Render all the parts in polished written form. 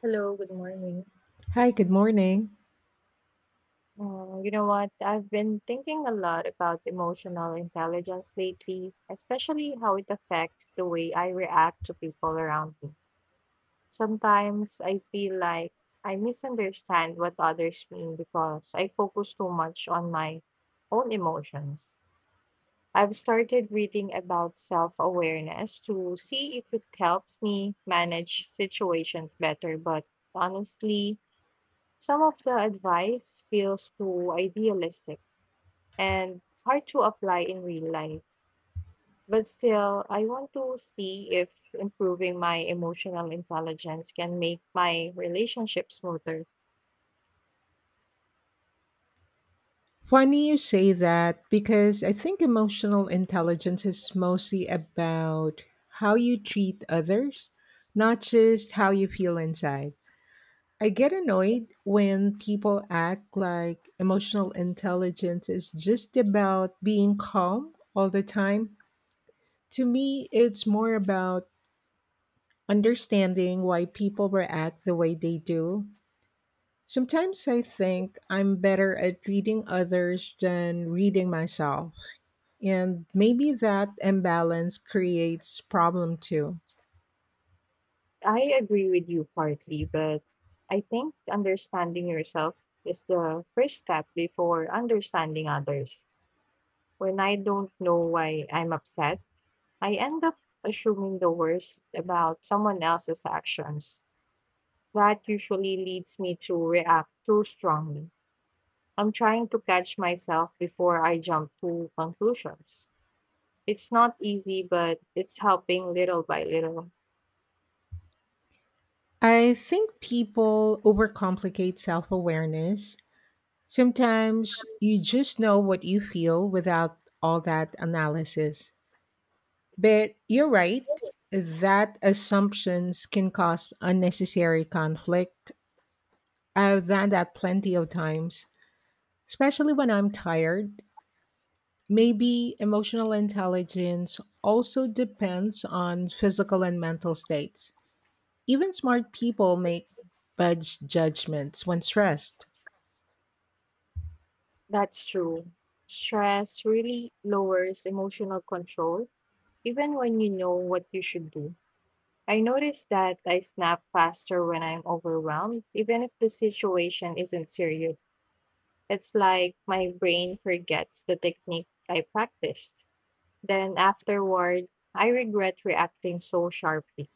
Hello, good morning. Hi, good morning. You know what? I've been thinking a lot about emotional intelligence lately, especially how it affects the way I react to people around me. Sometimes I feel like I misunderstand what others mean because I focus too much on my own emotions. I've started reading about self awareness to see if it helps me manage situations better, but honestly, some of the advice feels too idealistic and hard to apply in real life. But still, I want to see if improving my emotional intelligence can make my relationship smoother. Funny you say that because I think emotional intelligence is mostly about how you treat others, not just how you feel inside. I get annoyed when people act like emotional intelligence is just about being calm all the time. To me, it's more about understanding why people react the way they do. Sometimes I think I'm better at reading others than reading myself. And maybe that imbalance creates problem too. I agree with you partly, but I think understanding yourself is the first step before understanding others. When I don't know why I'm upset, I end up assuming the worst about someone else's actions. That usually leads me to react too strongly. I'm trying to catch myself before I jump to conclusions. It's not easy, but it's helping little by little. I think people overcomplicate self-awareness. Sometimes you just know what you feel without all that analysis. But you're right that assumptions can cause unnecessary conflict. I've done that plenty of times, especially when I'm tired. Maybe emotional intelligence also depends on physical and mental states. Even smart people make bad judgments when stressed. That's true. Stress really lowers emotional control, even when you know what you should do. I notice that I snap faster when I'm overwhelmed, even if the situation isn't serious. It's like my brain forgets the technique I practiced. Then afterward, I regret reacting so sharply.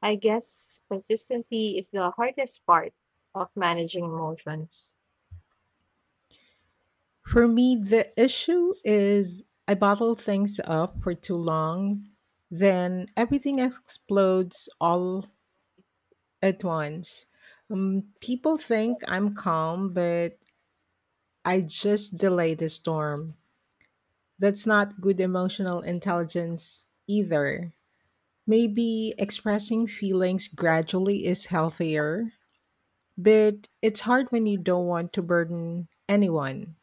I guess consistency is the hardest part of managing emotions. For me, the issue is I bottle things up for too long, then everything explodes all at once. People think I'm calm, but I just delay the storm. That's not good emotional intelligence either. Maybe expressing feelings gradually is healthier, but it's hard when you don't want to burden anyone.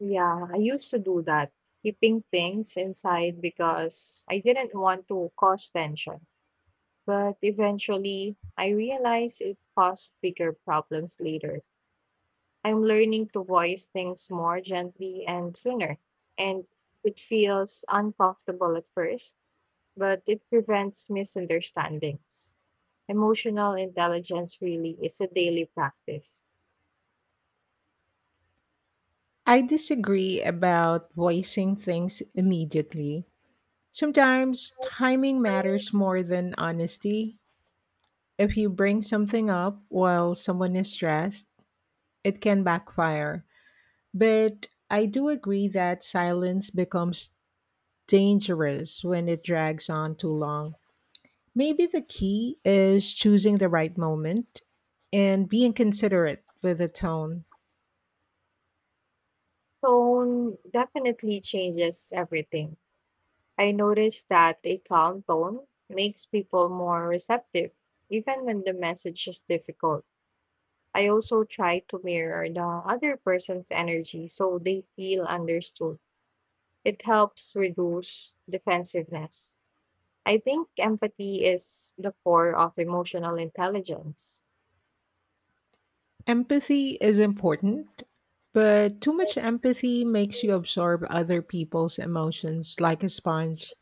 Yeah, I used to do that, keeping things inside because I didn't want to cause tension. But eventually, I realized it caused bigger problems later. I'm learning to voice things more gently and sooner, and it feels uncomfortable at first but it prevents misunderstandings. Emotional intelligence really is a daily practice. I disagree about voicing things immediately. Sometimes timing matters more than honesty. If you bring something up while someone is stressed, it can backfire. But I do agree that silence becomes dangerous when it drags on too long. Maybe the key is choosing the right moment and being considerate with the tone. Tone definitely changes everything. I noticed that a calm tone makes people more receptive, even when the message is difficult. I also try to mirror the other person's energy so they feel understood. It helps reduce defensiveness. I think empathy is the core of emotional intelligence. Empathy is important, but too much empathy makes you absorb other people's emotions like a sponge.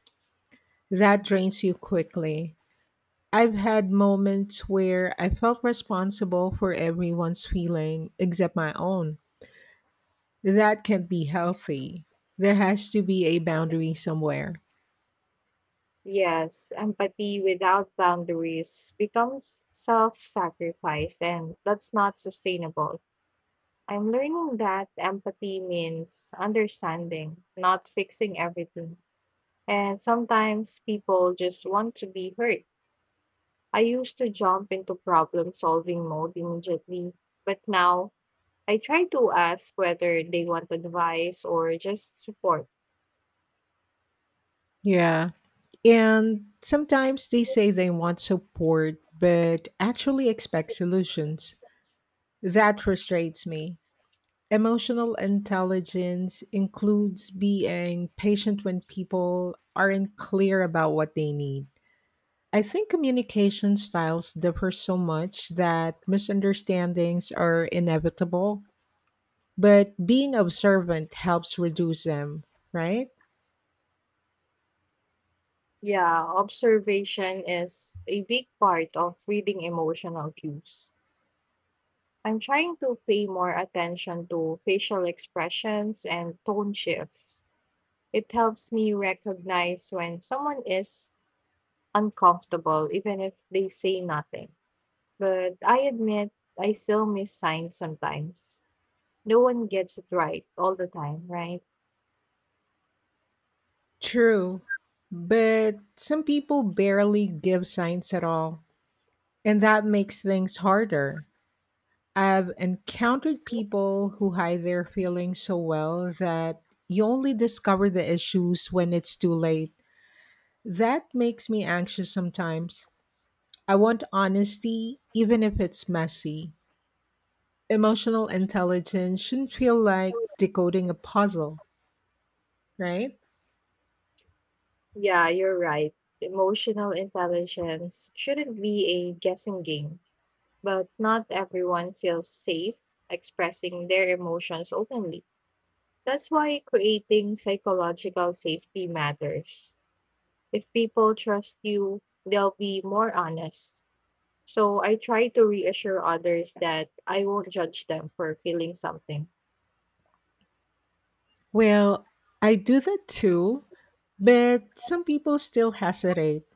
That drains you quickly. I've had moments where I felt responsible for everyone's feeling except my own. That can't be healthy. There has to be a boundary somewhere. Yes, empathy without boundaries becomes self sacrifice, and that's not sustainable. I'm learning that empathy means understanding, not fixing everything. And sometimes people just want to be heard. I used to jump into problem solving mode immediately, but now I try to ask whether they want advice or just support. Yeah. And sometimes they say they want support, but actually expect solutions. That frustrates me. Emotional intelligence includes being patient when people aren't clear about what they need. I think communication styles differ so much that misunderstandings are inevitable, but being observant helps reduce them, right? Yeah, observation is a big part of reading emotional cues. I'm trying to pay more attention to facial expressions and tone shifts. It helps me recognize when someone is uncomfortable, even if they say nothing. But I admit I still miss signs sometimes. No one gets it right all the time, right? True. But some people barely give signs at all, and that makes things harder. I've encountered people who hide their feelings so well that you only discover the issues when it's too late. That makes me anxious sometimes. I want honesty, even if it's messy. Emotional intelligence shouldn't feel like decoding a puzzle, right? Yeah, you're right. Emotional intelligence shouldn't be a guessing game but not everyone feels safe expressing their emotions openly. That's why creating psychological safety matters. If people trust you, they'll be more honest. So I try to reassure others that I won't judge them for feeling something. Well, I do that too, but some people still hesitate,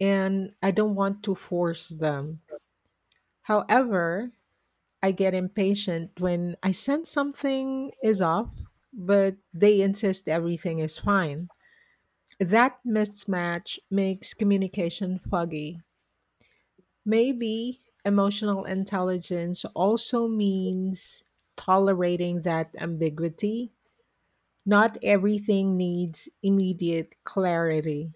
and I don't want to force them. However, I get impatient when I sense something is off, but they insist everything is fine. That mismatch makes communication foggy. Maybe emotional intelligence also means tolerating that ambiguity. Not everything needs immediate clarity.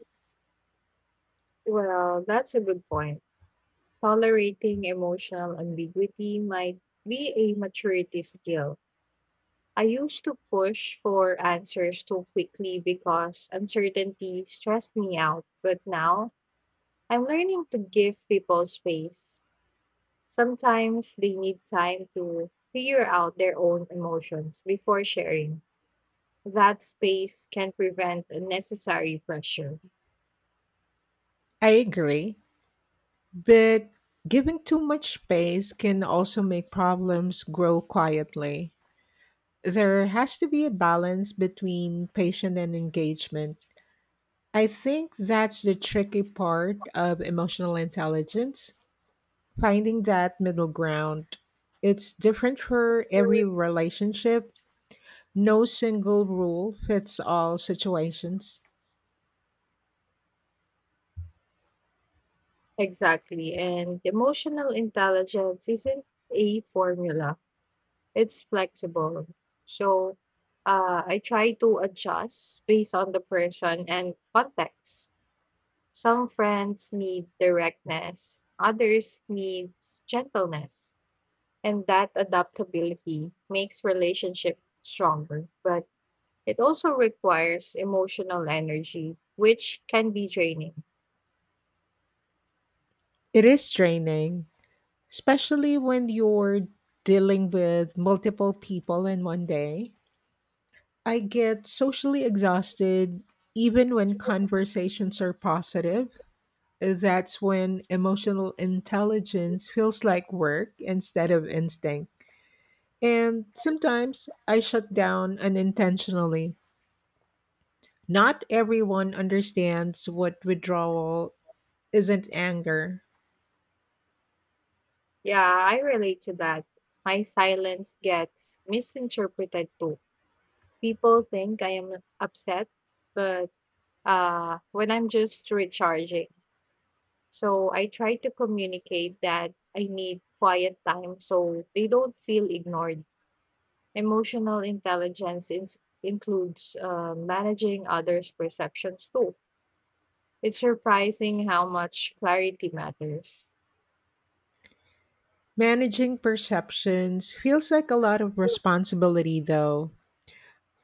Well, that's a good point. Tolerating emotional ambiguity might be a maturity skill. I used to push for answers too quickly because uncertainty stressed me out, but now I'm learning to give people space. Sometimes they need time to figure out their own emotions before sharing. That space can prevent unnecessary pressure. I agree. But giving too much space can also make problems grow quietly. There has to be a balance between patient and engagement. I think that's the tricky part of emotional intelligence, finding that middle ground. It's different for every relationship. No single rule fits all situations. Exactly, and emotional intelligence isn't a formula. It's flexible. So I try to adjust based on the person and context. Some friends need directness, others needs gentleness. And that adaptability makes relationship stronger. But it also requires emotional energy, which can be draining. It is draining, especially when you're dealing with multiple people in one day. I get socially exhausted even when conversations are positive. That's when emotional intelligence feels like work instead of instinct. And sometimes I shut down unintentionally. Not everyone understands what withdrawal isn't anger. Yeah, I relate to that. My silence gets misinterpreted too. People think I am upset, but when I'm just recharging. So I try to communicate that I need quiet time so they don't feel ignored. Emotional intelligence includes managing others' perceptions too. It's surprising how much clarity matters. Managing perceptions feels like a lot of responsibility, though.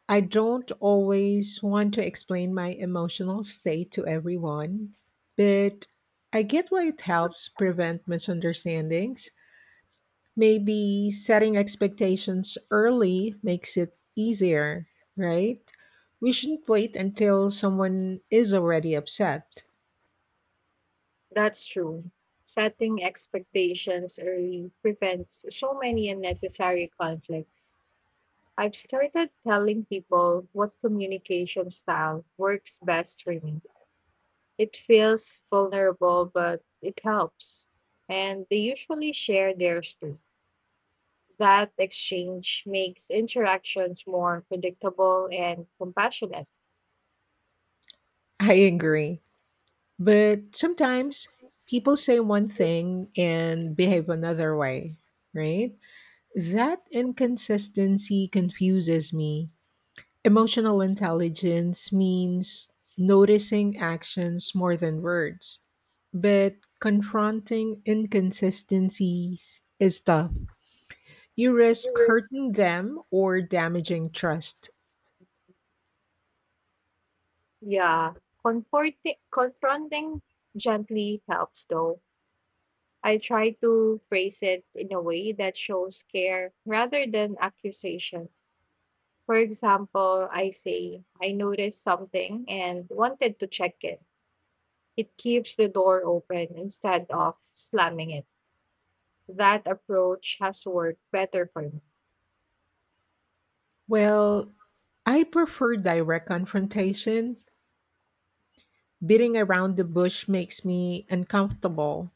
I don't always want to explain my emotional state to everyone, but I get why it helps prevent misunderstandings. Maybe setting expectations early makes it easier, right? We shouldn't wait until someone is already upset. That's true. Setting expectations early prevents so many unnecessary conflicts. I've started telling people what communication style works best for me. It feels vulnerable, but it helps. And they usually share theirs too. That exchange makes interactions more predictable and compassionate. I agree. But sometimes people say one thing and behave another way, right? That inconsistency confuses me. Emotional intelligence means noticing actions more than words, but confronting inconsistencies is tough. You risk hurting them or damaging trust. Yeah, confronting gently helps though. I try to phrase it in a way that shows care rather than accusation. For example, I say, I noticed something and wanted to check it. It keeps the door open instead of slamming it. That approach has worked better for me. Well, I prefer direct confrontation. Beating around the bush makes me uncomfortable,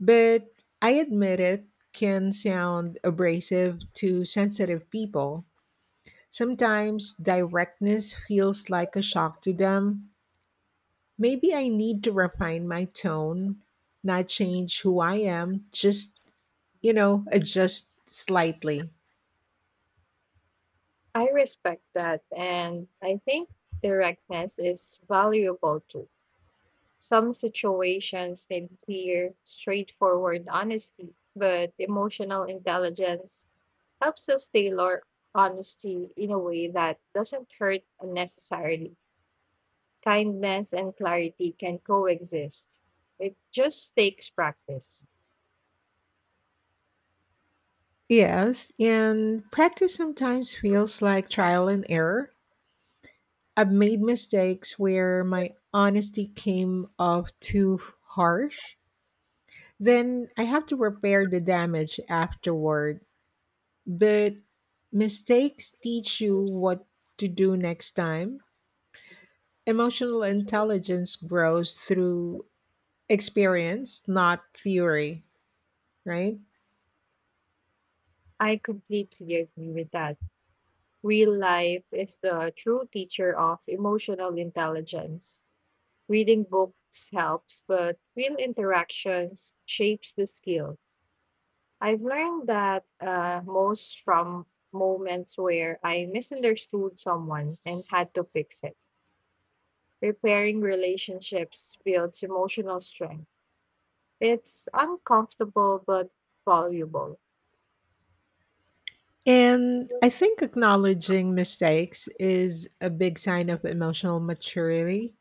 but I admit it can sound abrasive to sensitive people. Sometimes directness feels like a shock to them. Maybe I need to refine my tone, not change who I am, just, you know, adjust slightly. I respect that, and I think directness is valuable too. Some situations need clear, straightforward honesty, but emotional intelligence helps us tailor honesty in a way that doesn't hurt unnecessarily. Kindness and clarity can coexist. It just takes practice. Yes, and practice sometimes feels like trial and error. I've made mistakes where my honesty came off too harsh. Then I have to repair the damage afterward. But mistakes teach you what to do next time. Emotional intelligence grows through experience, not theory, right? I completely agree with that. Real life is the true teacher of emotional intelligence. Reading books helps, but real interactions shapes the skill. I've learned that most from moments where I misunderstood someone and had to fix it. Repairing relationships builds emotional strength. It's uncomfortable but valuable. And I think acknowledging mistakes is a big sign of emotional maturity.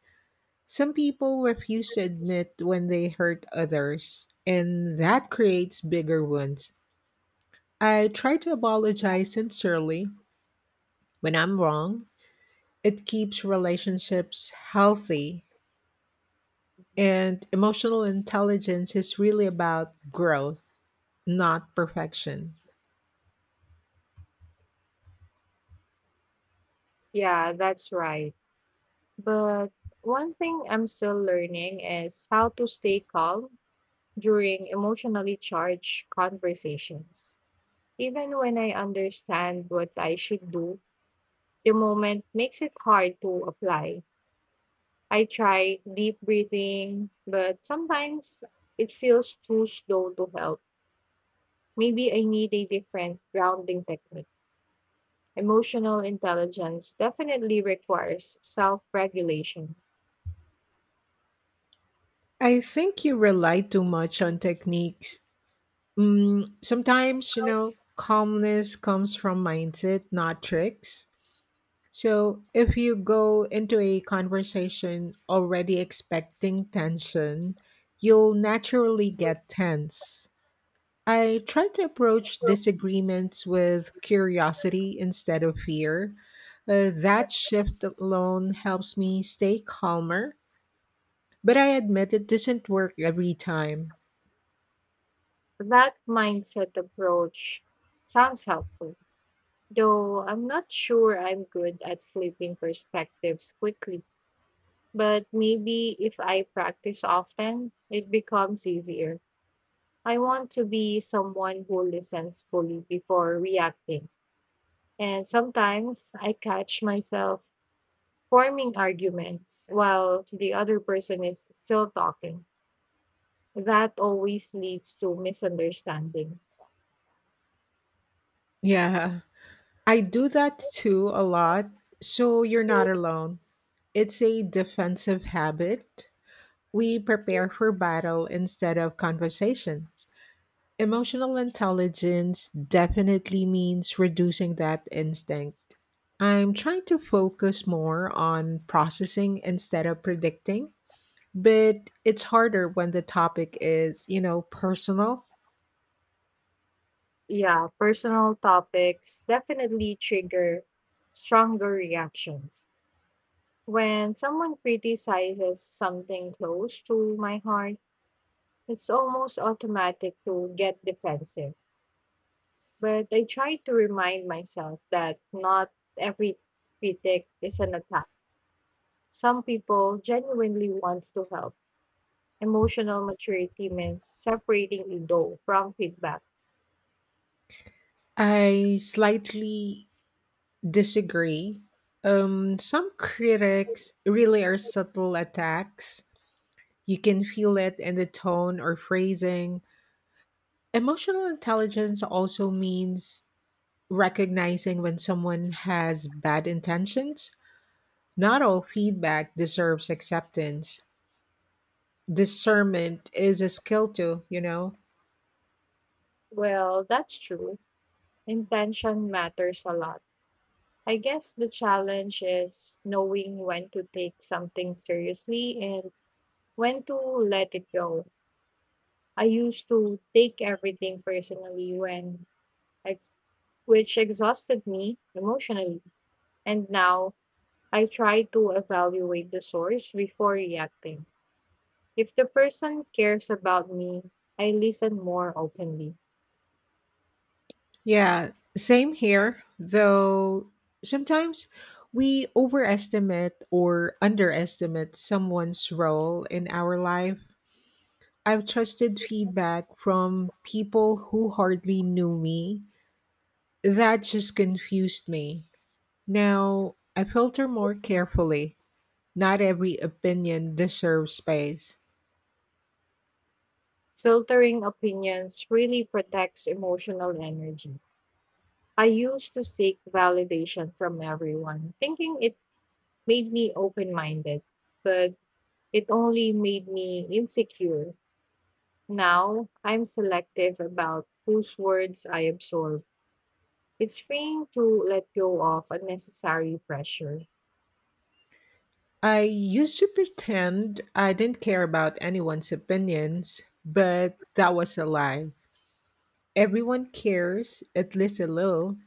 Some people refuse to admit when they hurt others, and that creates bigger wounds. I try to apologize sincerely when I'm wrong. It keeps relationships healthy, and emotional intelligence is really about growth, not perfection. Yeah, that's right. But one thing I'm still learning is how to stay calm during emotionally charged conversations. Even when I understand what I should do, the moment makes it hard to apply. I try deep breathing, but sometimes it feels too slow to help. Maybe I need a different grounding technique. Emotional intelligence definitely requires self regulation. I think you rely too much on techniques. Sometimes, you know, calmness comes from mindset, not tricks. So if you go into a conversation already expecting tension, you'll naturally get tense. I try to approach disagreements with curiosity instead of fear. That shift alone helps me stay calmer, but I admit it doesn't work every time. That mindset approach sounds helpful, though I'm not sure I'm good at flipping perspectives quickly. But maybe if I practice often, it becomes easier. I want to be someone who listens fully before reacting. And sometimes I catch myself forming arguments while the other person is still talking. That always leads to misunderstandings. Yeah, I do that too a lot, so you're not alone. It's a defensive habit. We prepare for battle instead of conversation. Emotional intelligence definitely means reducing that instinct. I'm trying to focus more on processing instead of predicting, but it's harder when the topic is, you know, personal. Yeah, personal topics definitely trigger stronger reactions. When someone criticizes something close to my heart, it's almost automatic to get defensive. But I try to remind myself that not every critic is an attack. Some people genuinely wants to help. Emotional maturity means separating ego from feedback. I slightly disagree. Some critics really are subtle attacks. You can feel it in the tone or phrasing. Emotional intelligence also means recognizing when someone has bad intentions. Not all feedback deserves acceptance. Discernment is a skill too, you know? Well, that's true. Intention matters a lot. I guess the challenge is knowing when to take something seriously and when to let it go. I used to take everything personally when ex- which exhausted me emotionally. And now I try to evaluate the source before reacting. If the person cares about me, I listen more openly. Yeah, same here, though sometimes we overestimate or underestimate someone's role in our life. I've trusted feedback from people who hardly knew me. That just confused me. Now I filter more carefully. Not every opinion deserves space. Filtering opinions really protects emotional energy. I used to seek validation from everyone, thinking it made me open minded, but it only made me insecure. Now I'm selective about whose words I absorb. It's freeing to let go of unnecessary pressure. I used to pretend I didn't care about anyone's opinions, but that was a lie. Everyone cares, at least a little.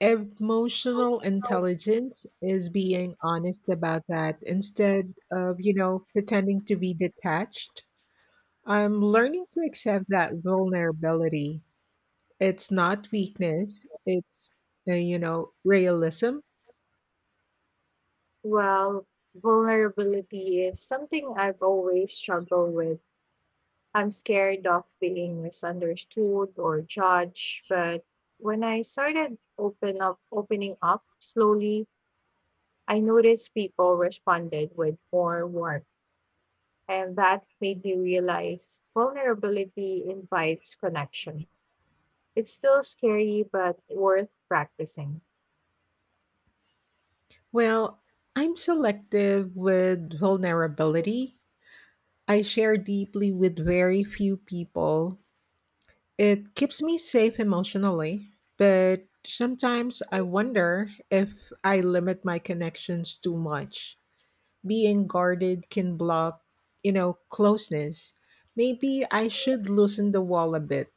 Emotional intelligence is being honest about that instead of, you know, pretending to be detached. I'm learning to accept that vulnerability. It's not weakness, it's, you know, realism. Well, vulnerability is something I've always struggled with. I'm scared of being misunderstood or judged, but when I started opening up slowly, I noticed people responded with more warmth, and that made me realize vulnerability invites connection. It's still scary, but worth practicing. Well, I'm selective with vulnerability. I share deeply with very few people. It keeps me safe emotionally, but sometimes I wonder if I limit my connections too much. Being guarded can block, you know, closeness. Maybe I should loosen the wall a bit.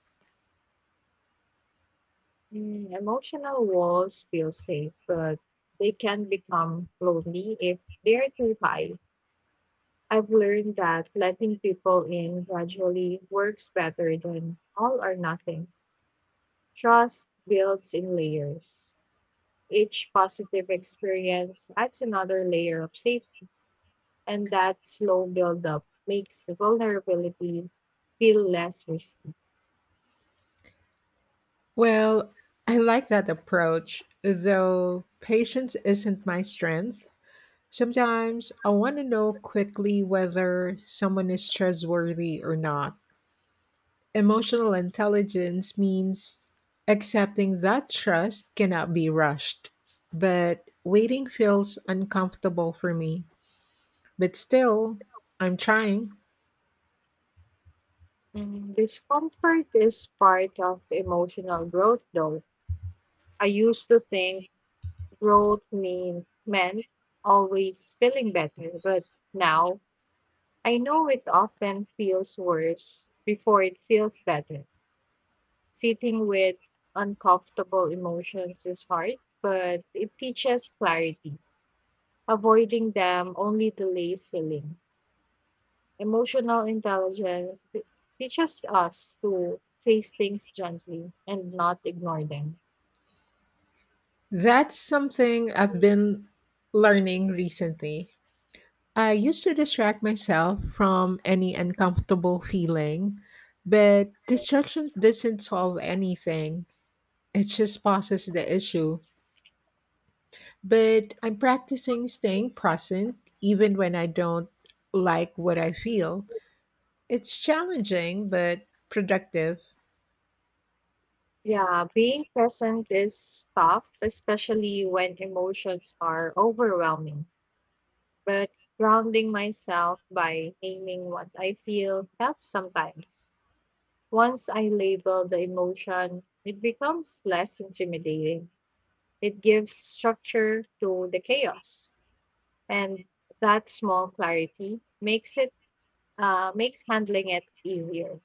Emotional walls feel safe, but they can become lonely if they're too high. I've learned that letting people in gradually works better than all or nothing. Trust builds in layers. Each positive experience adds another layer of safety, and that slow buildup makes vulnerability feel less risky. Well, I like that approach, though patience isn't my strength. Sometimes I want to know quickly whether someone is trustworthy or not. Emotional intelligence means accepting that trust cannot be rushed, but waiting feels uncomfortable for me. But still, I'm trying. Discomfort is part of emotional growth, though. I used to think meant always feeling better, but now I know it often feels worse before it feels better. Sitting with uncomfortable emotions is hard, but it teaches clarity. Avoiding them only delays healing. Emotional intelligence teaches us to face things gently and not ignore them. That's something I've been learning recently. I used to distract myself from any uncomfortable feeling, but distraction doesn't solve anything.  It just pauses the issue. But I'm practicing staying present even when I don't like what I feel. It's challenging, but productive. Yeah, being present is tough, especially when emotions are overwhelming. But grounding myself by naming what I feel helps sometimes. Once I label the emotion, it becomes less intimidating. It gives structure to the chaos, and that small clarity makes it makes handling it easier.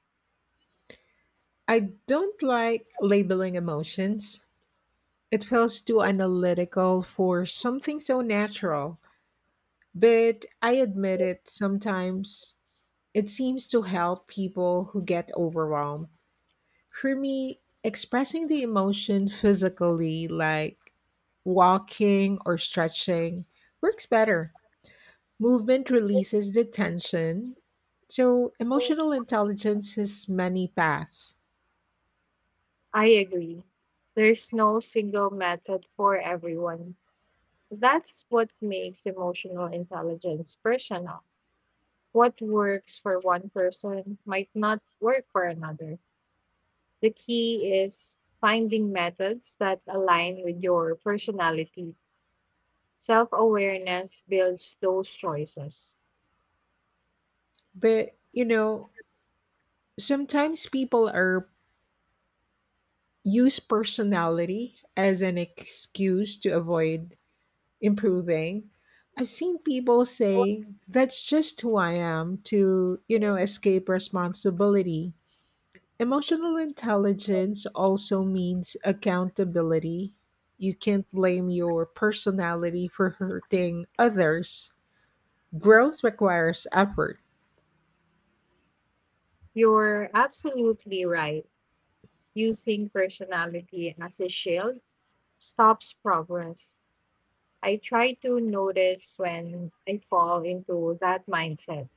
I don't like labeling emotions. It feels too analytical for something so natural. But I admit it, sometimes it seems to help people who get overwhelmed. For me, expressing the emotion physically, like walking or stretching, works better. Movement releases the tension. So, emotional intelligence has many paths. I agree. There's no single method for everyone. That's what makes emotional intelligence personal. What works for one person might not work for another. The key is finding methods that align with your personality. Self-awareness builds those choices. But, you know, sometimes people are use personality as an excuse to avoid improving. I've seen people say, that's just who I am to, you know, escape responsibility. Emotional intelligence also means accountability. You can't blame your personality for hurting others. Growth requires effort. You're absolutely right. Using personality as a shield stops progress. I try to notice when I fall into that mindset.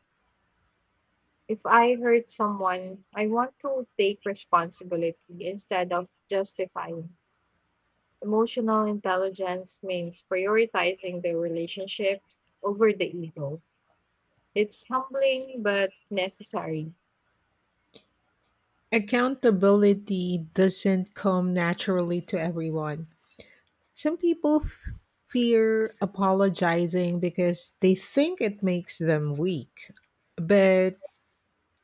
If I hurt someone, I want to take responsibility instead of justifying. Emotional intelligence means prioritizing the relationship over the ego. It's humbling but necessary. Accountability doesn't come naturally to everyone. Some people fear apologizing because they think it makes them weak. But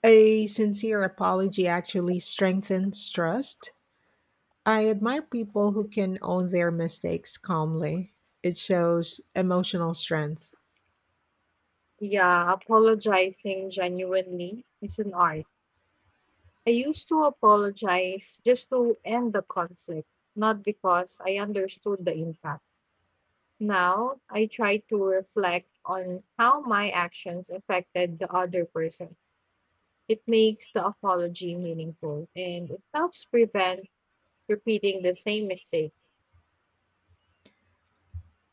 a sincere apology actually strengthens trust. I admire people who can own their mistakes calmly. It shows emotional strength. Yeah, apologizing genuinely is an art. I used to apologize just to end the conflict, not because I understood the impact. Now, I try to reflect on how my actions affected the other person. It makes the apology meaningful and it helps prevent repeating the same mistake.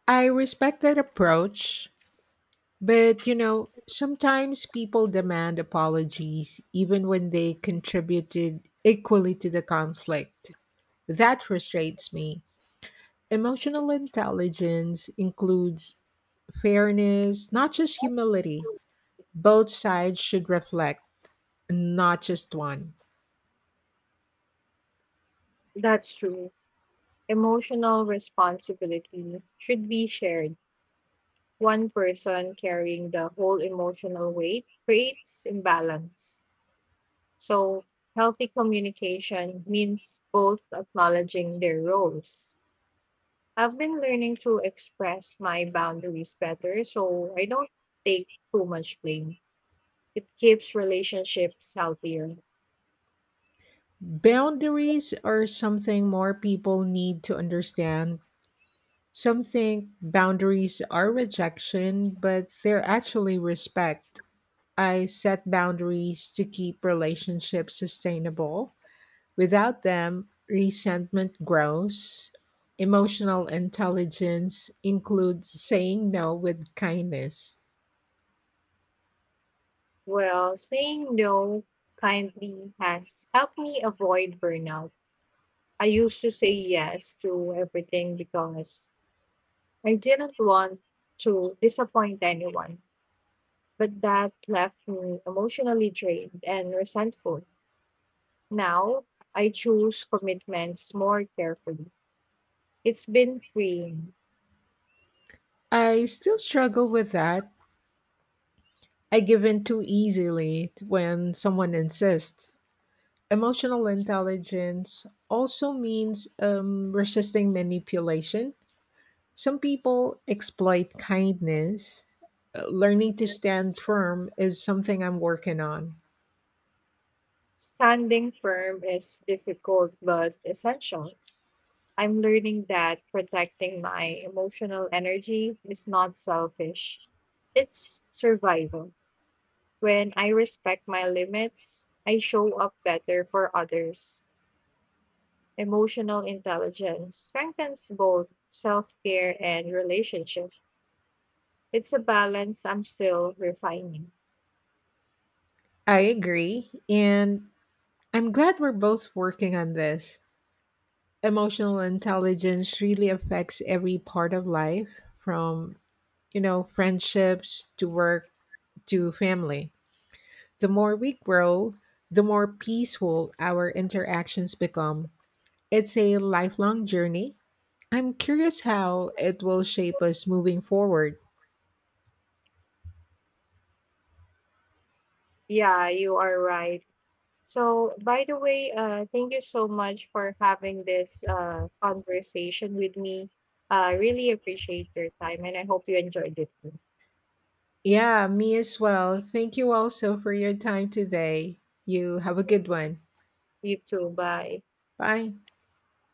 I respect that approach, but you know, sometimes people demand apologies even when they contributed equally to the conflict. That frustrates me. Emotional intelligence includes fairness, not just humility. Both sides should reflect, not just one. That's true. Emotional responsibility should be shared. One person carrying the whole emotional weight creates imbalance. So, healthy communication means both acknowledging their roles. I've been learning to express my boundaries better so I don't take too much blame. It keeps relationships healthier. Boundaries are something more people need to understand. Some think boundaries are rejection, but they're actually respect. I set boundaries to keep relationships sustainable. Without them, resentment grows. Emotional intelligence includes saying no with kindness. Well, saying no kindly has helped me avoid burnout. I used to say yes to everything because I didn't want to disappoint anyone, but that left me emotionally drained and resentful. Now I choose commitments more carefully. It's been freeing. I still struggle with that. I give in too easily when someone insists. Emotional intelligence also means resisting manipulation. Some people exploit kindness. Learning to stand firm is something I'm working on. Standing firm is difficult but essential. I'm learning that protecting my emotional energy is not selfish, it's survival. When I respect my limits, I show up better for others. Emotional intelligence strengthens both self care and relationship. It's a balance I'm still refining. I agree. And I'm glad we're both working on this. Emotional intelligence really affects every part of life from, you know, friendships to work to family. The more we grow, the more peaceful our interactions become. It's a lifelong journey. I'm curious how it will shape us moving forward. Yeah, you are right. So, by the way, thank you so much for having this conversation with me. I really appreciate your time and I hope you enjoyed it. Too. Yeah, me as well. Thank you also for your time today. You have a good one. You too. Bye. Bye.